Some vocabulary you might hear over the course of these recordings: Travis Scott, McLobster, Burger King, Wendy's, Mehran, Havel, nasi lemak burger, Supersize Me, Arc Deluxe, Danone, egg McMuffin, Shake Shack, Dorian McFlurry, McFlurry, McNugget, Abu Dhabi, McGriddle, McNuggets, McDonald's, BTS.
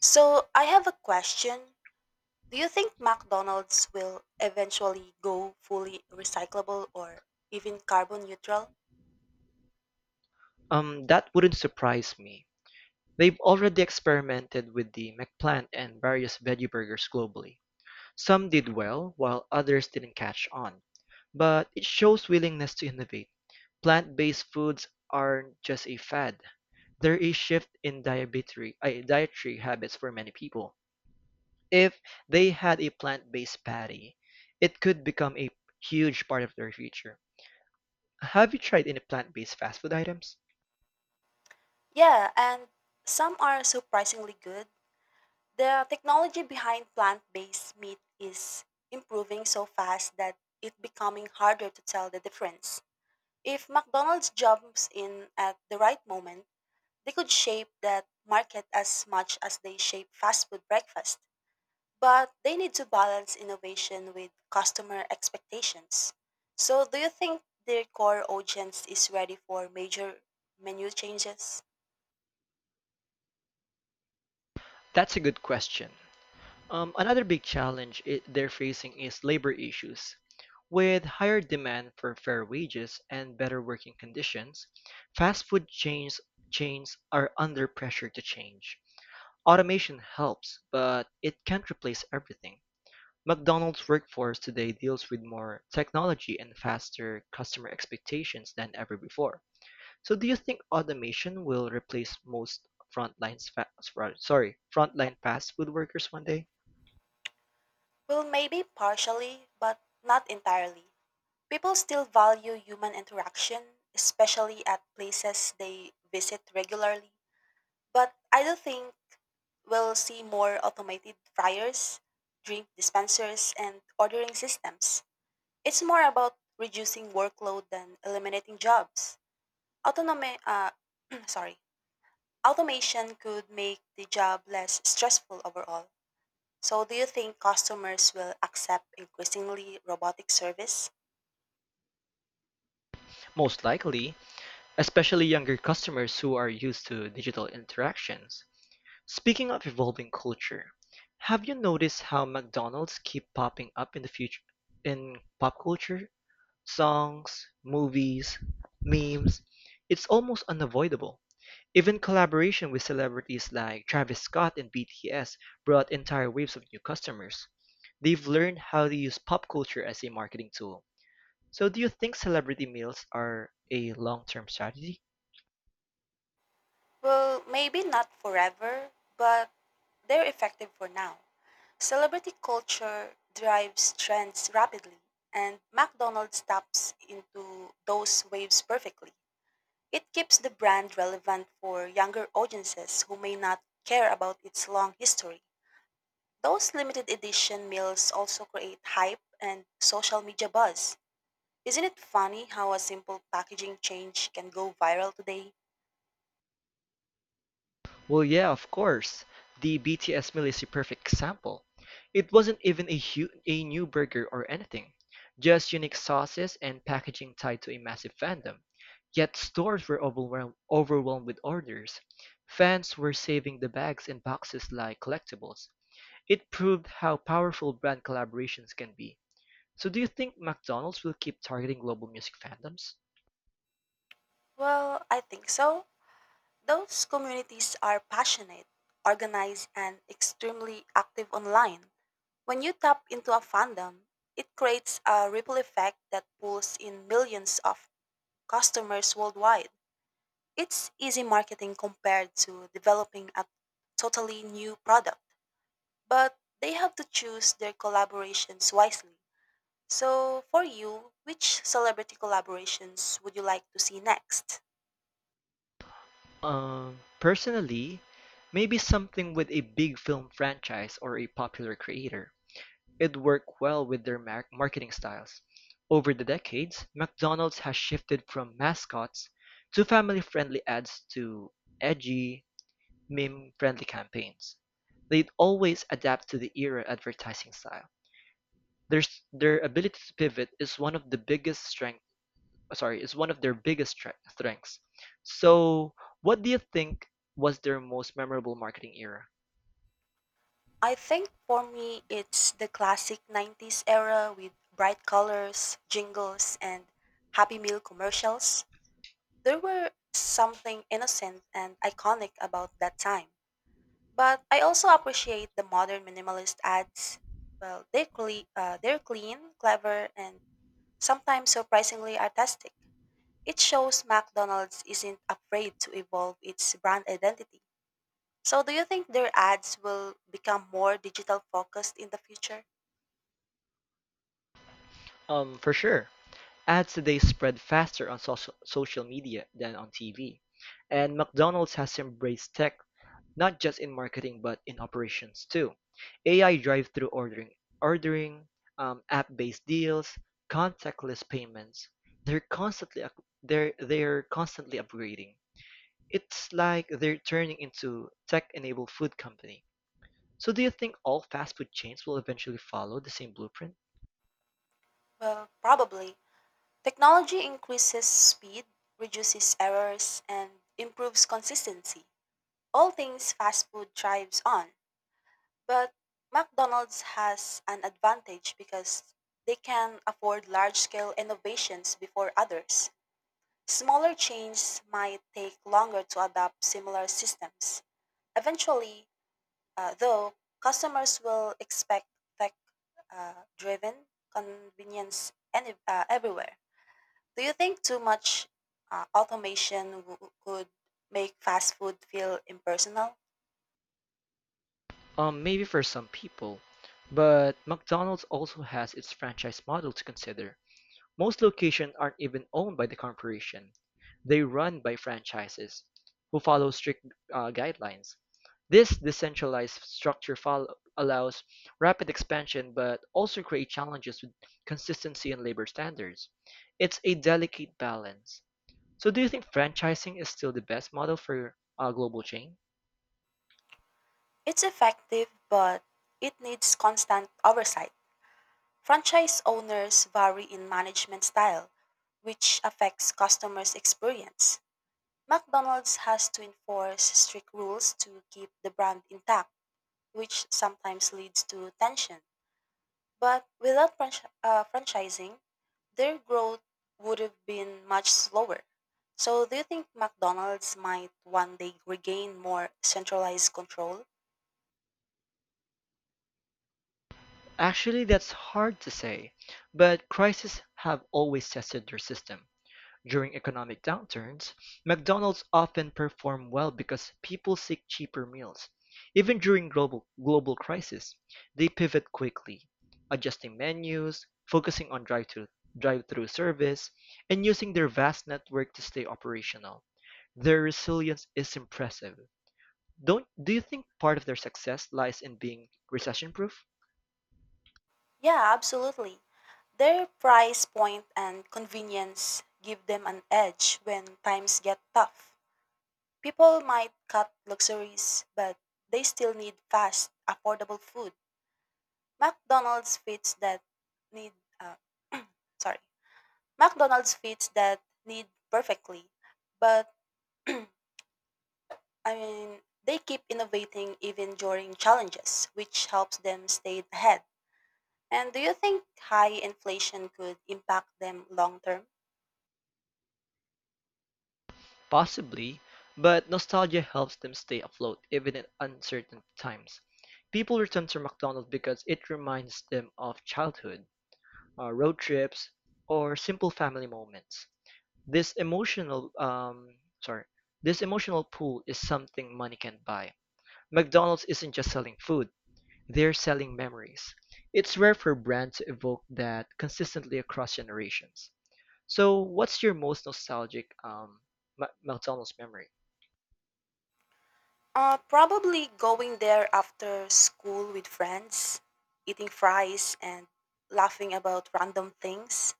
So, I have a question. Do you think McDonald's will eventually go fully recyclable or even carbon neutral? That wouldn't surprise me. They've already experimented with the McPlant and various veggie burgers globally. Some did well, while others didn't catch on. But it shows willingness to innovate. Plant-based foods aren't just a fad. They're a shift in dietary habits for many people. If they had a plant-based patty, it could become a huge part of their future. Have you tried any plant-based fast food items? Yeah, and some are surprisingly good. The technology behind plant based meat is improving so fast that it's becoming harder to tell the difference. If McDonald's jumps in at the right moment, they could shape that market as much as they shape fast food breakfast. But they need to balance innovation with customer expectations. So, do you think their core audience is ready for major menu changes? That's a good question. Another big challenge they're facing is labor issues. With higher demand for fair wages and better working conditions, fast food chains are under pressure to change. Automation helps, but it can't replace everything. McDonald's workforce today deals with more technology and faster customer expectations than ever before. So do you think automation will replace most frontline fa- frontline fast food workers one day? Well, maybe partially, but not entirely. People still value human interaction, especially at places they visit regularly. But I do think we'll see more automated fryers, drink dispensers, and ordering systems. It's more about reducing workload than eliminating jobs. Autonome sorry. Automation could make the job less stressful overall. So do you think customers will accept increasingly robotic service? Most likely, especially younger customers who are used to digital interactions. Speaking of evolving culture, have you noticed how McDonald's keep popping up in the future in pop culture? Songs, movies, memes. It's almost unavoidable. Even collaboration with celebrities like Travis Scott and BTS brought entire waves of new customers. They've learned how to use pop culture as a marketing tool. So do you think celebrity meals are a long-term strategy? Well, maybe not forever, but they're effective for now. Celebrity culture drives trends rapidly, and McDonald's taps into those waves perfectly. It keeps the brand relevant for younger audiences who may not care about its long history. Those limited edition meals also create hype and social media buzz. Isn't it funny how a simple packaging change can go viral today? Well, yeah, of course. The BTS meal is a perfect example. It wasn't even a new burger or anything, just unique sauces and packaging tied to a massive fandom. Yet stores were overwhelmed with orders. Fans were saving the bags and boxes like collectibles. It proved how powerful brand collaborations can be. So do you think McDonald's will keep targeting global music fandoms? Well, I think so. Those communities are passionate, organized, and extremely active online. When you tap into a fandom, it creates a ripple effect that pulls in millions of customers worldwide. It's easy marketing compared to developing a totally new product, but they have to choose their collaborations wisely. So, for you, which celebrity collaborations would you like to see next? Personally, maybe something with a big film franchise or a popular creator. It'd work well with their marketing styles. Over the decades, McDonald's has shifted from mascots to family friendly ads to edgy, meme friendly campaigns. They'd always adapt to the era advertising style. Their ability to pivot is one of the biggest is one of their biggest strengths. So, what do you think was their most memorable marketing era? I think for me, it's the classic 90s era with bright colors, jingles, and Happy Meal commercials. There were something innocent and iconic about that time. But I also appreciate the modern minimalist ads. They're clean, clever, and sometimes surprisingly artistic. It shows McDonald's isn't afraid to evolve its brand identity. So, do you think their ads will become more digital focused in the future? For sure, ads today spread faster on social media than on TV, and McDonald's has embraced tech not just in marketing but in operations too. AI drive-through ordering, app-based deals, contactless payments. They're constantly upgrading. It's like they're turning into tech-enabled food company. So do you think all fast food chains will eventually follow the same blueprint? Well, probably. Technology increases speed, reduces errors, and improves consistency. All things fast food thrives on. But McDonald's has an advantage because they can afford large scale innovations before others. Smaller chains might take longer to adopt similar systems. Eventually, though, customers will expect tech driven convenience everywhere. Do you think too much uh, automation w- could make fast food feel impersonal? Maybe for some people, but McDonald's also has its franchise model to consider. Most locations aren't even owned by the corporation; they run by franchises, who follow strict guidelines. This decentralized structure allows rapid expansion but also creates challenges with consistency and labor standards. It's a delicate balance. So, do you think franchising is still the best model for a global chain? It's effective, but it needs constant oversight. Franchise owners vary in management style, which affects customers' experience. McDonald's has to enforce strict rules to keep the brand intact, which sometimes leads to tension. But without franchising, their growth would have been much slower. So, do you think McDonald's might one day regain more centralized control? Actually, that's hard to say, but crises have always tested their system. During economic downturns, McDonald's often perform well because people seek cheaper meals. Even during global crisis, they pivot quickly, adjusting menus, focusing on drive-through service, and using their vast network to stay operational. Their resilience is impressive. Don't Do you think part of their success lies in being recession-proof? Yeah, absolutely. Their price point and convenience give them an edge when times get tough. People might cut luxuries, but they still need fast, affordable food. McDonald's fits that need. Uh, sorry. McDonald's fits that need perfectly, but I mean, they keep innovating even during challenges, which helps them stay ahead. And do you think high inflation could impact them long term? Possibly, but nostalgia helps them stay afloat even in uncertain times. People return to McDonald's because it reminds them of childhood, road trips, or simple family moments. This emotional, um, sorry, this emotional pull is something money can't buy. McDonald's isn't just selling food; they're selling memories. It's rare for brands to evoke that consistently across generations. So, what's your most nostalgic McDonald's memory? Probably going there after school with friends, eating fries, and laughing about random things.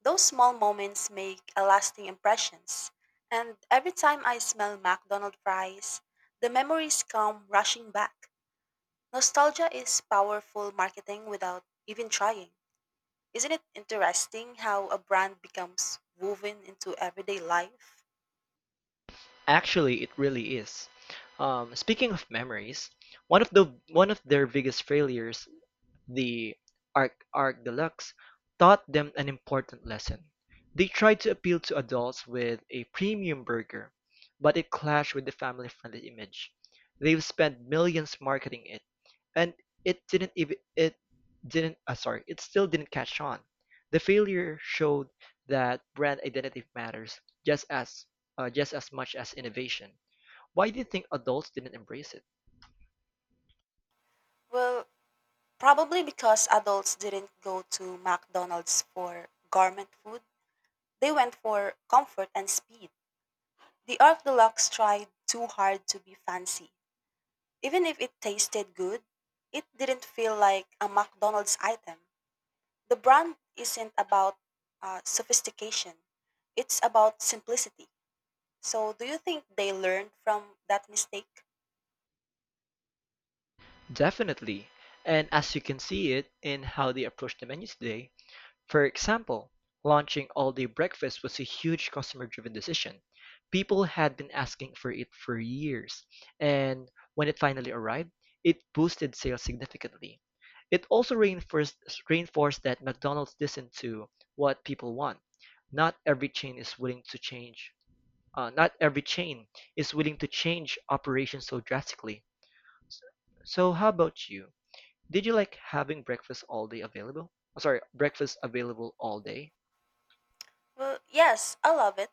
Those small moments make a lasting impressions. And every time I smell McDonald's fries, the memories come rushing back. Nostalgia is powerful marketing without even trying. Isn't it interesting how a brand becomes woven into everyday life? Actually, it really is. Speaking of memories, one of their biggest failures the Arc Deluxe taught them an important lesson. They tried to appeal to adults with a premium burger, but it clashed with the family-friendly image. They've spent millions marketing it, and it didn't even it didn't sorry, it still didn't catch on. The failure showed that brand identity matters just as just as much as innovation. Why do you think adults didn't embrace it? Well, probably because adults didn't go to McDonald's for garment food. They went for comfort and speed. The Arc Deluxe tried too hard to be fancy. Even if it tasted good, it didn't feel like a McDonald's item. The brand isn't about sophistication, it's about simplicity. So, do you think they learned from that mistake? Definitely. And as you can see it in how they approach the menu today, for example, launching all-day breakfast was a huge customer-driven decision. People had been asking for it for years, and when it finally arrived, it boosted sales significantly. It also reinforced that McDonald's listened to what people want. Not every chain is willing to change. Not every chain is willing to change operations so drastically. So, how about you? Did you like having breakfast all day available? Sorry, Breakfast available all day? Well, yes, I love it.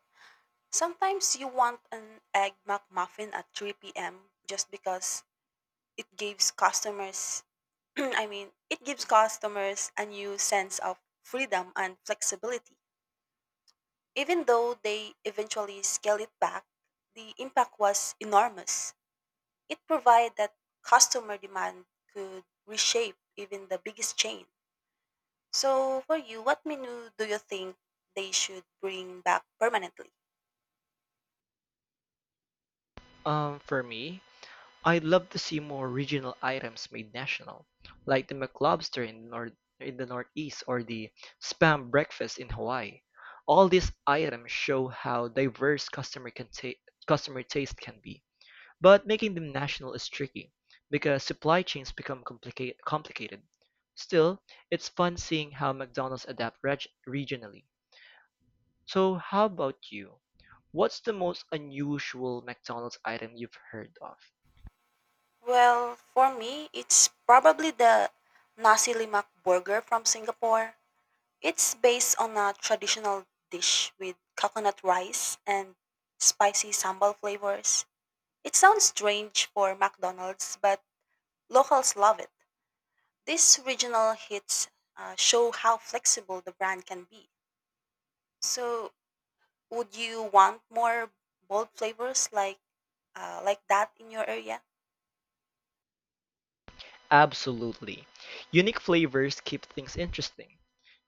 Sometimes you want an egg McMuffin at 3 p.m. just because it gives customers, it gives customers a new sense of freedom and flexibility. Even though they eventually scale it back, the impact was enormous. It provided that customer demand could reshape even the biggest chain. So, for you, what menu do you think they should bring back permanently? For me, I'd love to see more regional items made national, like the McLobster in the Northeast or the spam breakfast in Hawaii. All these items show how diverse customer taste can be. But making them national is tricky because supply chains become complicated. Still, it's fun seeing how McDonald's adapt regionally. So, how about you? What's the most unusual McDonald's item you've heard of? Well, for me, it's probably the nasi lemak burger from Singapore. It's based on a traditional dish with coconut rice and spicy sambal flavors. It sounds strange for McDonald's, but locals love it. These regional hits show how flexible the brand can be. So, would you want more bold flavors like like that in your area? Absolutely. Unique flavors keep things interesting.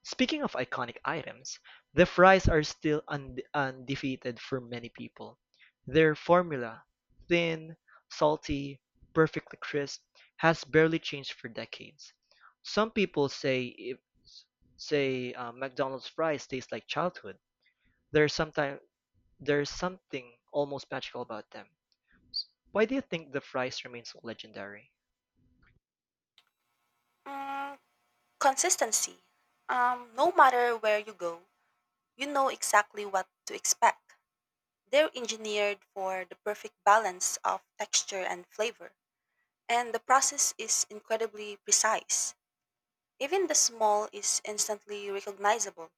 Speaking of iconic items, the fries are still undefeated for many people. Their formula, thin, salty, perfectly crisp, has barely changed for decades. Some people say if, say McDonald's fries taste like childhood. There's sometimes there's something almost magical about them. Why do you think the fries remain so legendary? Mm, consistency. No matter where you go, you know exactly what to expect. They're engineered for the perfect balance of texture and flavor. And the process is incredibly precise. Even the small is instantly recognizable.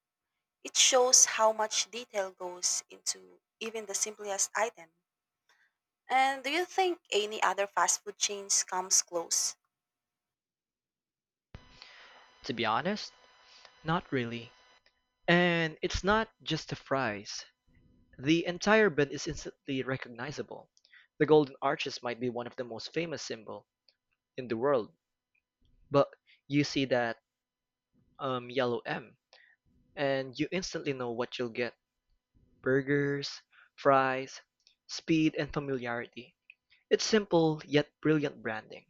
It shows how much detail goes into even the simplest item. And do you think any other fast food chains comes close? To be honest, not really. And it's not just the fries. The entire bend is instantly recognizable. The Golden Arches might be one of the most famous symbol in the world, but you see that yellow M, and you instantly know what you'll get: burgers, fries, speed, and familiarity. It's simple yet brilliant branding.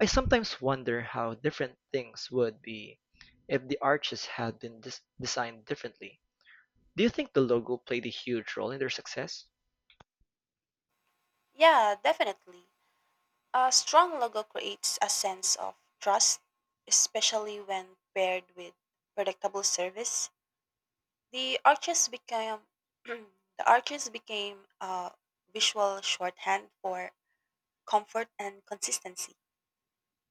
I sometimes wonder how different things would be if the arches had been designed differently. Do you think the logo played a huge role in their success? Yeah, definitely. A strong logo creates a sense of trust, especially when paired with predictable service. The arches became the arches became a visual shorthand for comfort and consistency.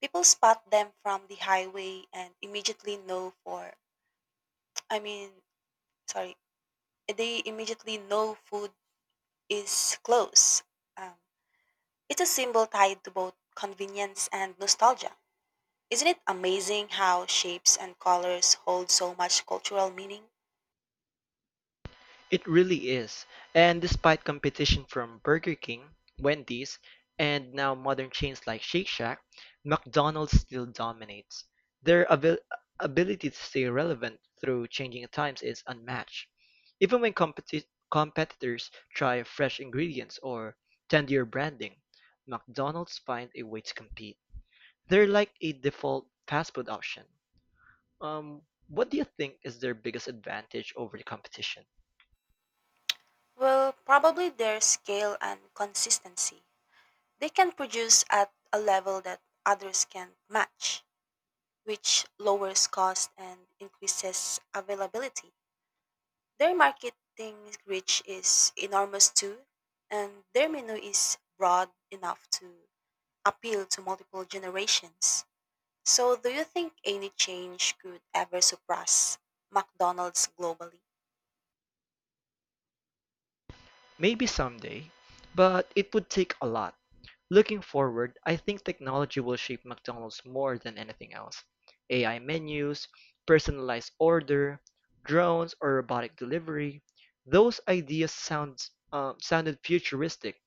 People spot them from the highway and immediately know for I mean sorry they immediately know food is close. Um, it's a symbol tied to both convenience and nostalgia. Isn't it amazing how shapes and colors hold so much cultural meaning? It really is. And despite competition from Burger King, Wendy's, and now modern chains like Shake Shack, McDonald's still dominates. Their ability to stay relevant through changing times is unmatched. Even when competitors try fresh ingredients or trendier branding, McDonald's finds a way to compete. They're like a default fast food option. What do you think is their biggest advantage over the competition? Well, probably their scale and consistency. They can produce at a level that others can match, which lowers cost and increases availability. Their marketing reach is enormous too, and their menu is broad enough to appeal to multiple generations. So, do you think any change could ever surpass McDonald's globally? Maybe someday, but it would take a lot. Looking forward, I think technology will shape McDonald's more than anything else. AI menus, personalized order, drones or robotic delivery. Those ideas sound, sounded futuristic,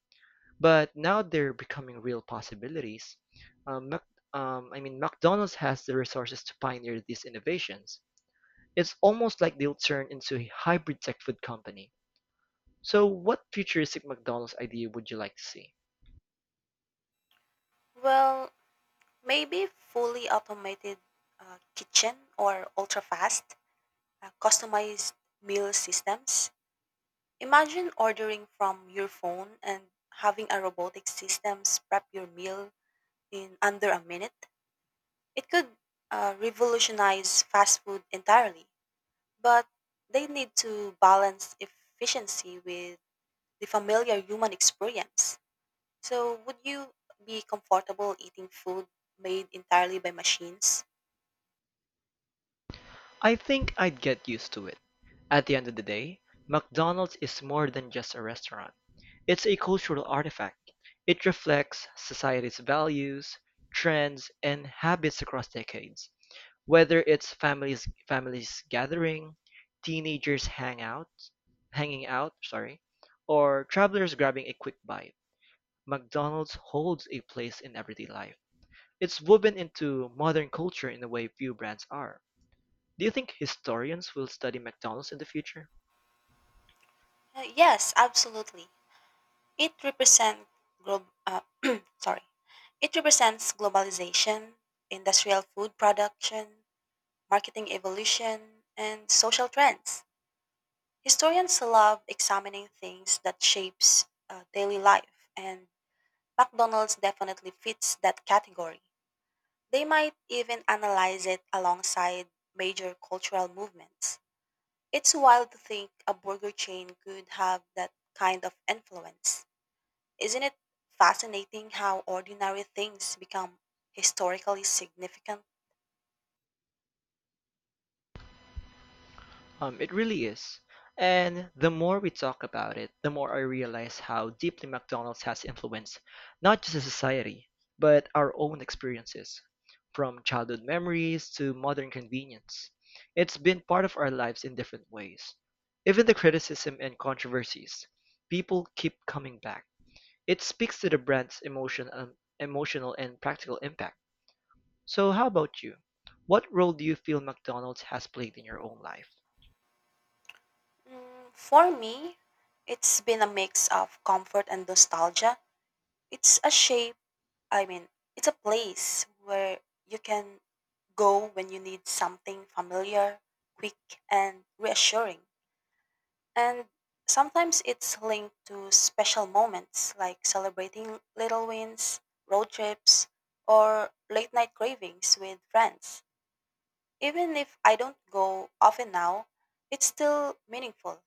but now they're becoming real possibilities. Um, Mac, McDonald's has the resources to pioneer these innovations. It's almost like they'll turn into a hybrid tech food company. So, what futuristic McDonald's idea would you like to see? Well, maybe fully automated kitchen or ultra fast, customized meal systems. Imagine ordering from your phone and having a robotic systems prep your meal in under a minute. It could revolutionize fast food entirely, but they need to balance efficiency with the familiar human experience. So, would you be comfortable eating food made entirely by machines? I think I'd get used to it. At the end of the day, McDonald's is more than just a restaurant. It's a cultural artifact. It reflects society's values, trends, and habits across decades. Whether it's families gathering, teenagers hang out, hanging out, or travelers grabbing a quick bite, McDonald's holds a place in everyday life. It's woven into modern culture in a way few brands are. Do you think historians will study McDonald's in the future? Yes, absolutely. It represents glo- uh, sorry. It represents globalization, industrial food production, marketing evolution, and social trends. Historians love examining things that shapes daily life, and McDonald's definitely fits that category. They might even analyze it alongside major cultural movements. It's wild to think a burger chain could have that kind of influence. Isn't it fascinating how ordinary things become historically significant? It really is. And the more we talk about it, the more I realize how deeply McDonald's has influenced not just a society, but our own experiences, from childhood memories to modern convenience. It's been part of our lives in different ways. Even the criticism and controversies, people keep coming back. It speaks to the brand's emotional and practical impact. So how about you? What role do you feel McDonald's has played in your own life? Mm, for me, it's been a mix of comfort and nostalgia. It's a shape, I mean, It's a place where you can go when you need something familiar, quick, and reassuring. And sometimes it's linked to special moments like celebrating little wins, road trips, or late night cravings with friends. Even if I don't go often now, it's still meaningful.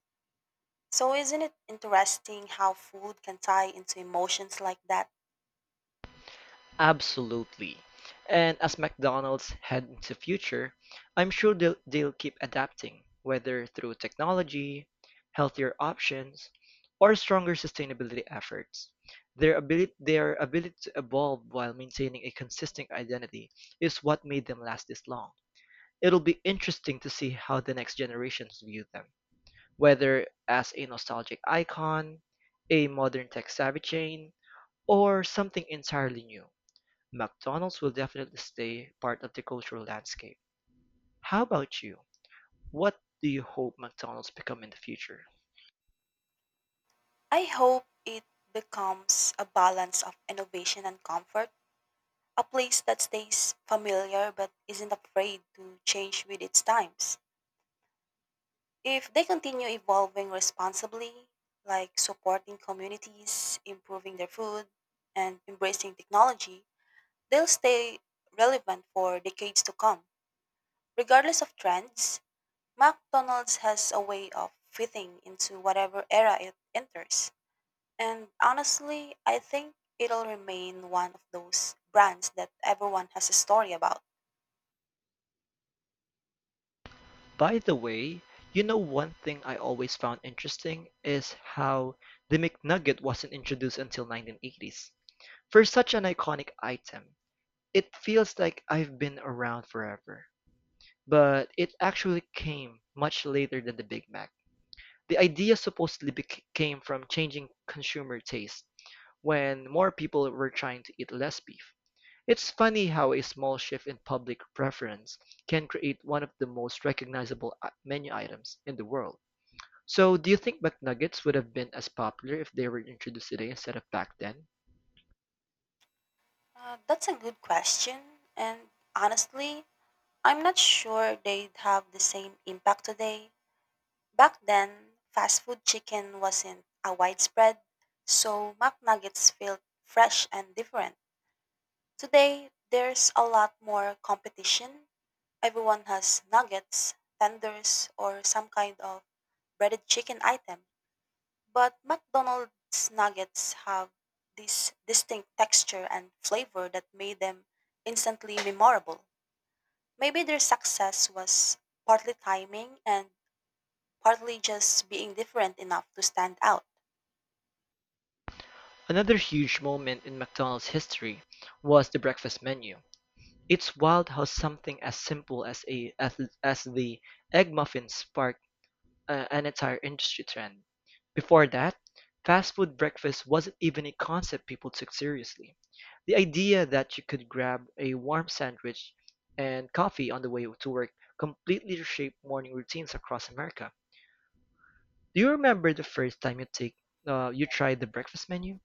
So, isn't it interesting how food can tie into emotions like that? Absolutely. And as McDonald's head into the future, I'm sure they'll keep adapting, whether through technology, healthier options, or stronger sustainability efforts. Their ability to evolve while maintaining a consistent identity is what made them last this long. It'll be interesting to see how the next generations view them, whether as a nostalgic icon, a modern tech savvy chain, or something entirely new. McDonald's will definitely stay part of the cultural landscape. How about you? What do you hope McDonald's become in the future? I hope it becomes a balance of innovation and comfort, a place that stays familiar but isn't afraid to change with its times. If they continue evolving responsibly, like supporting communities, improving their food, and embracing technology, they'll stay relevant for decades to come. Regardless of trends, McDonald's has a way of fitting into whatever era it enters. And honestly, I think it'll remain one of those brands that everyone has a story about. By the way, you know one thing I always found interesting is how the McNugget wasn't introduced until 1980s. For such an iconic item, it feels like I've been around forever, but it actually came much later than the Big Mac. The idea supposedly came from changing consumer taste when more people were trying to eat less beef. It's funny how a small shift in public preference can create one of the most recognizable menu items in the world. So, do you think McNuggets would have been as popular if they were introduced today instead of back then? That's a good question. And honestly, I'm not sure they'd have the same impact today. Back then, fast food chicken wasn't a widespread, so McNuggets felt fresh and different. Today, there's a lot more competition. Everyone has nuggets, tenders, or some kind of breaded chicken item, but McDonald's nuggets have this distinct texture and flavor that made them instantly memorable. Maybe their success was partly timing and partly just being different enough to stand out. Another huge moment in McDonald's history was the breakfast menu. It's wild how something as simple as the egg muffin sparked an entire industry trend. Before that, fast food breakfast wasn't even a concept people took seriously. The idea that you could grab a warm sandwich and coffee on the way to work completely reshaped morning routines across America. Do you remember the first time you tried the breakfast menu?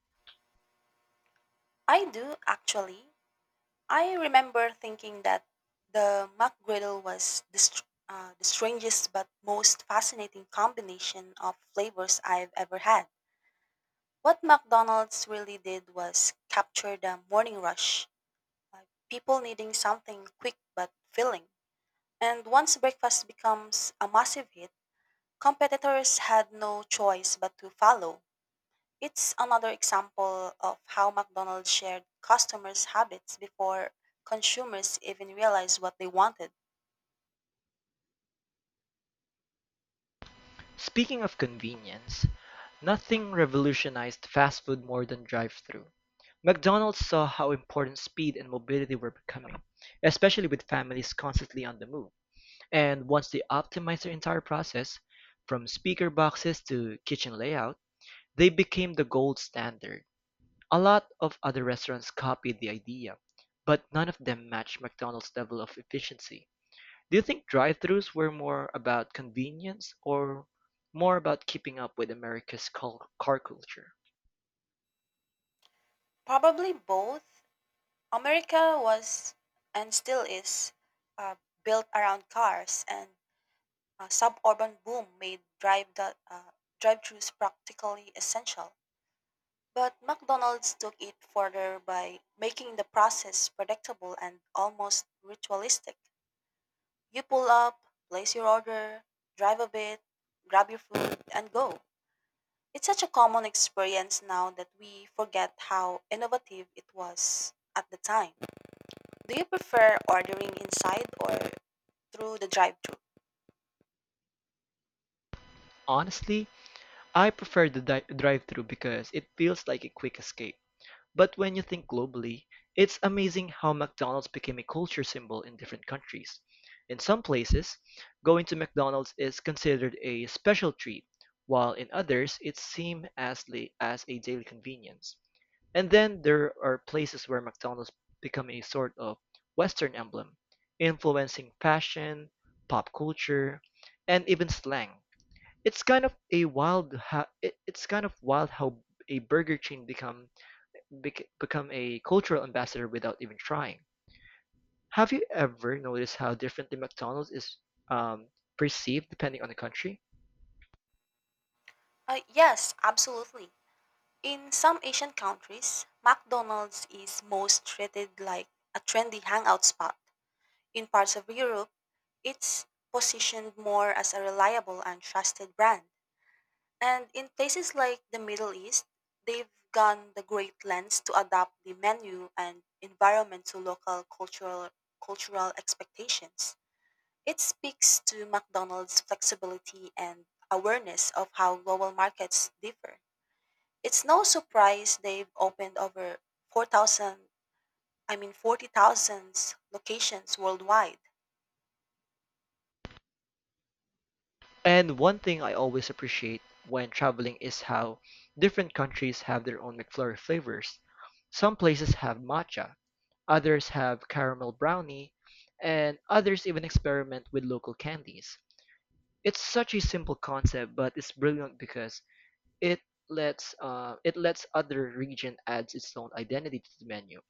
I do, actually. I remember thinking that the McGriddle was the strangest but most fascinating combination of flavors I've ever had. What McDonald's really did was capture the morning rush, like people needing something quick but filling. And once breakfast becomes a massive hit, competitors had no choice but to follow. It's another example of how McDonald's shared customers' habits before consumers even realized what they wanted. Speaking of convenience, nothing revolutionized fast food more than drive-thru. McDonald's saw how important speed and mobility were becoming, especially with families constantly on the move. And once they optimized their entire process, from speaker boxes to kitchen layout, they became the gold standard. A lot of other restaurants copied the idea, but none of them matched McDonald's level of efficiency. Do you think drive-thrus were more about convenience or more about keeping up with America's car culture? Probably both. America was and still is uh, built around cars, and a suburban boom made drive-thrus practically essential. But McDonald's took it further by making the process predictable and almost ritualistic. You pull up, place your order, drive a bit, grab your food, and go. It's such a common experience now that we forget how innovative it was at the time. Do you prefer ordering inside or through the drive thru? Honestly, I prefer the drive-through because it feels like a quick escape. But when you think globally, it's amazing how McDonald's became a culture symbol in different countries. In some places, going to McDonald's is considered a special treat, while in others, it's seen as, as a daily convenience. And then there are places where McDonald's become a sort of Western emblem, influencing fashion, pop culture, and even slang. It's kind of wild how a burger chain become a cultural ambassador without even trying. Have you ever noticed how differently McDonald's is um, perceived depending on the country? Yes, absolutely. In some Asian countries, McDonald's is most treated like a trendy hangout spot. In parts of Europe, it's positioned more as a reliable and trusted brand. And in places like the Middle East, they've gone the great lengths to adapt the menu and environment to local cultural expectations. It speaks to McDonald's flexibility and awareness of how global markets differ. It's no surprise they've opened over 4,000, I mean 40,000 locations worldwide. And one thing I always appreciate when traveling is how different countries have their own McFlurry flavors. Some places have matcha, others have caramel brownie, and others even experiment with local candies. It's such a simple concept, but it's brilliant because it it lets other region adds its own identity to the menu,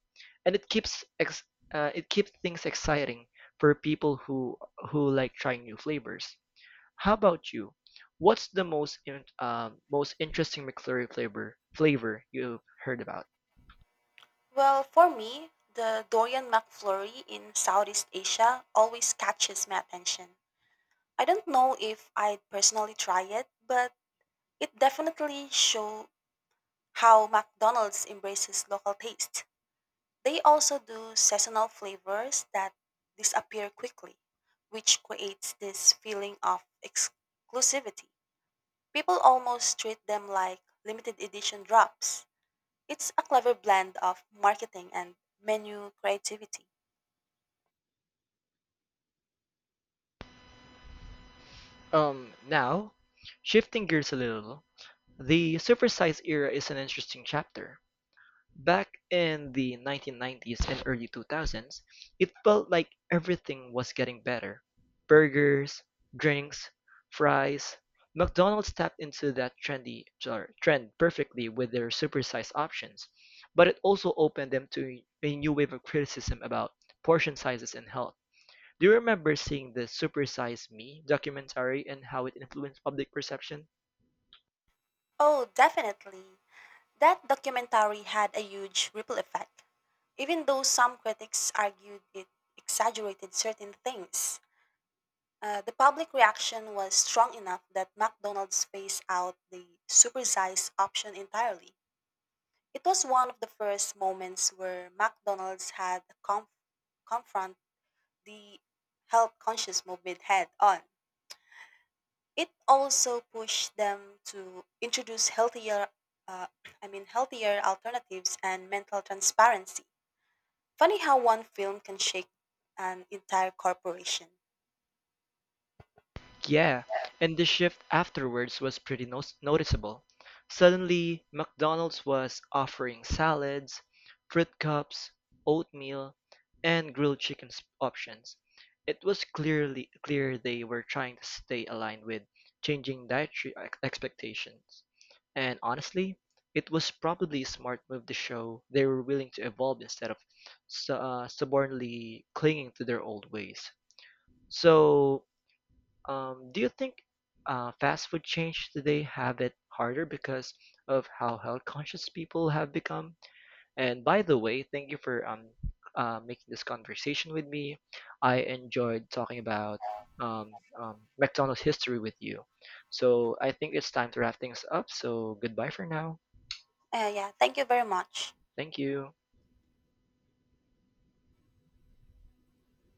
and it keeps things exciting for people who like trying new flavors. How about you? What's the most interesting McFlurry flavor you've heard about? Well, for me, the Dorian McFlurry in Southeast Asia always catches my attention. I don't know if I'd personally try it, but it definitely show how McDonald's embraces local taste. They also do seasonal flavors that disappear quickly, which creates this feeling of exclusivity. People almost treat them like limited edition drops. It's a clever blend of marketing and menu creativity. Now, shifting gears a little, the supersize era is an interesting chapter. Back in the 1990s and early 2000s, it felt like everything was getting better. Burgers, drinks, fries. McDonald's tapped into that trend perfectly with their supersized options, but it also opened them to a new wave of criticism about portion sizes and health. Do you remember seeing the Supersize Me documentary and how it influenced public perception? Oh, definitely. That documentary had a huge ripple effect. Even though some critics argued it exaggerated certain things, the public reaction was strong enough that McDonald's phased out the supersized option entirely. It was one of the first moments where McDonald's had a conf- confront the health conscious movement head on. It also pushed them to introduce healthier, uh, healthier alternatives and mental transparency. Funny how one film can shake an entire corporation. Yeah, and the shift afterwards was pretty no noticeable. Suddenly, McDonald's was offering salads, fruit cups, oatmeal, and grilled options. It was clear they were trying to stay aligned with changing dietary expectations. And honestly, it was probably a smart move to show they were willing to evolve instead of stubbornly clinging to their old ways. So, do you think fast food chains today have it harder because of how health conscious people have become? And by the way, thank you for making this conversation with me. I enjoyed talking about McDonald's history with you. So I think it's time to wrap things up. So goodbye for now. Yeah, thank you very much. Thank you.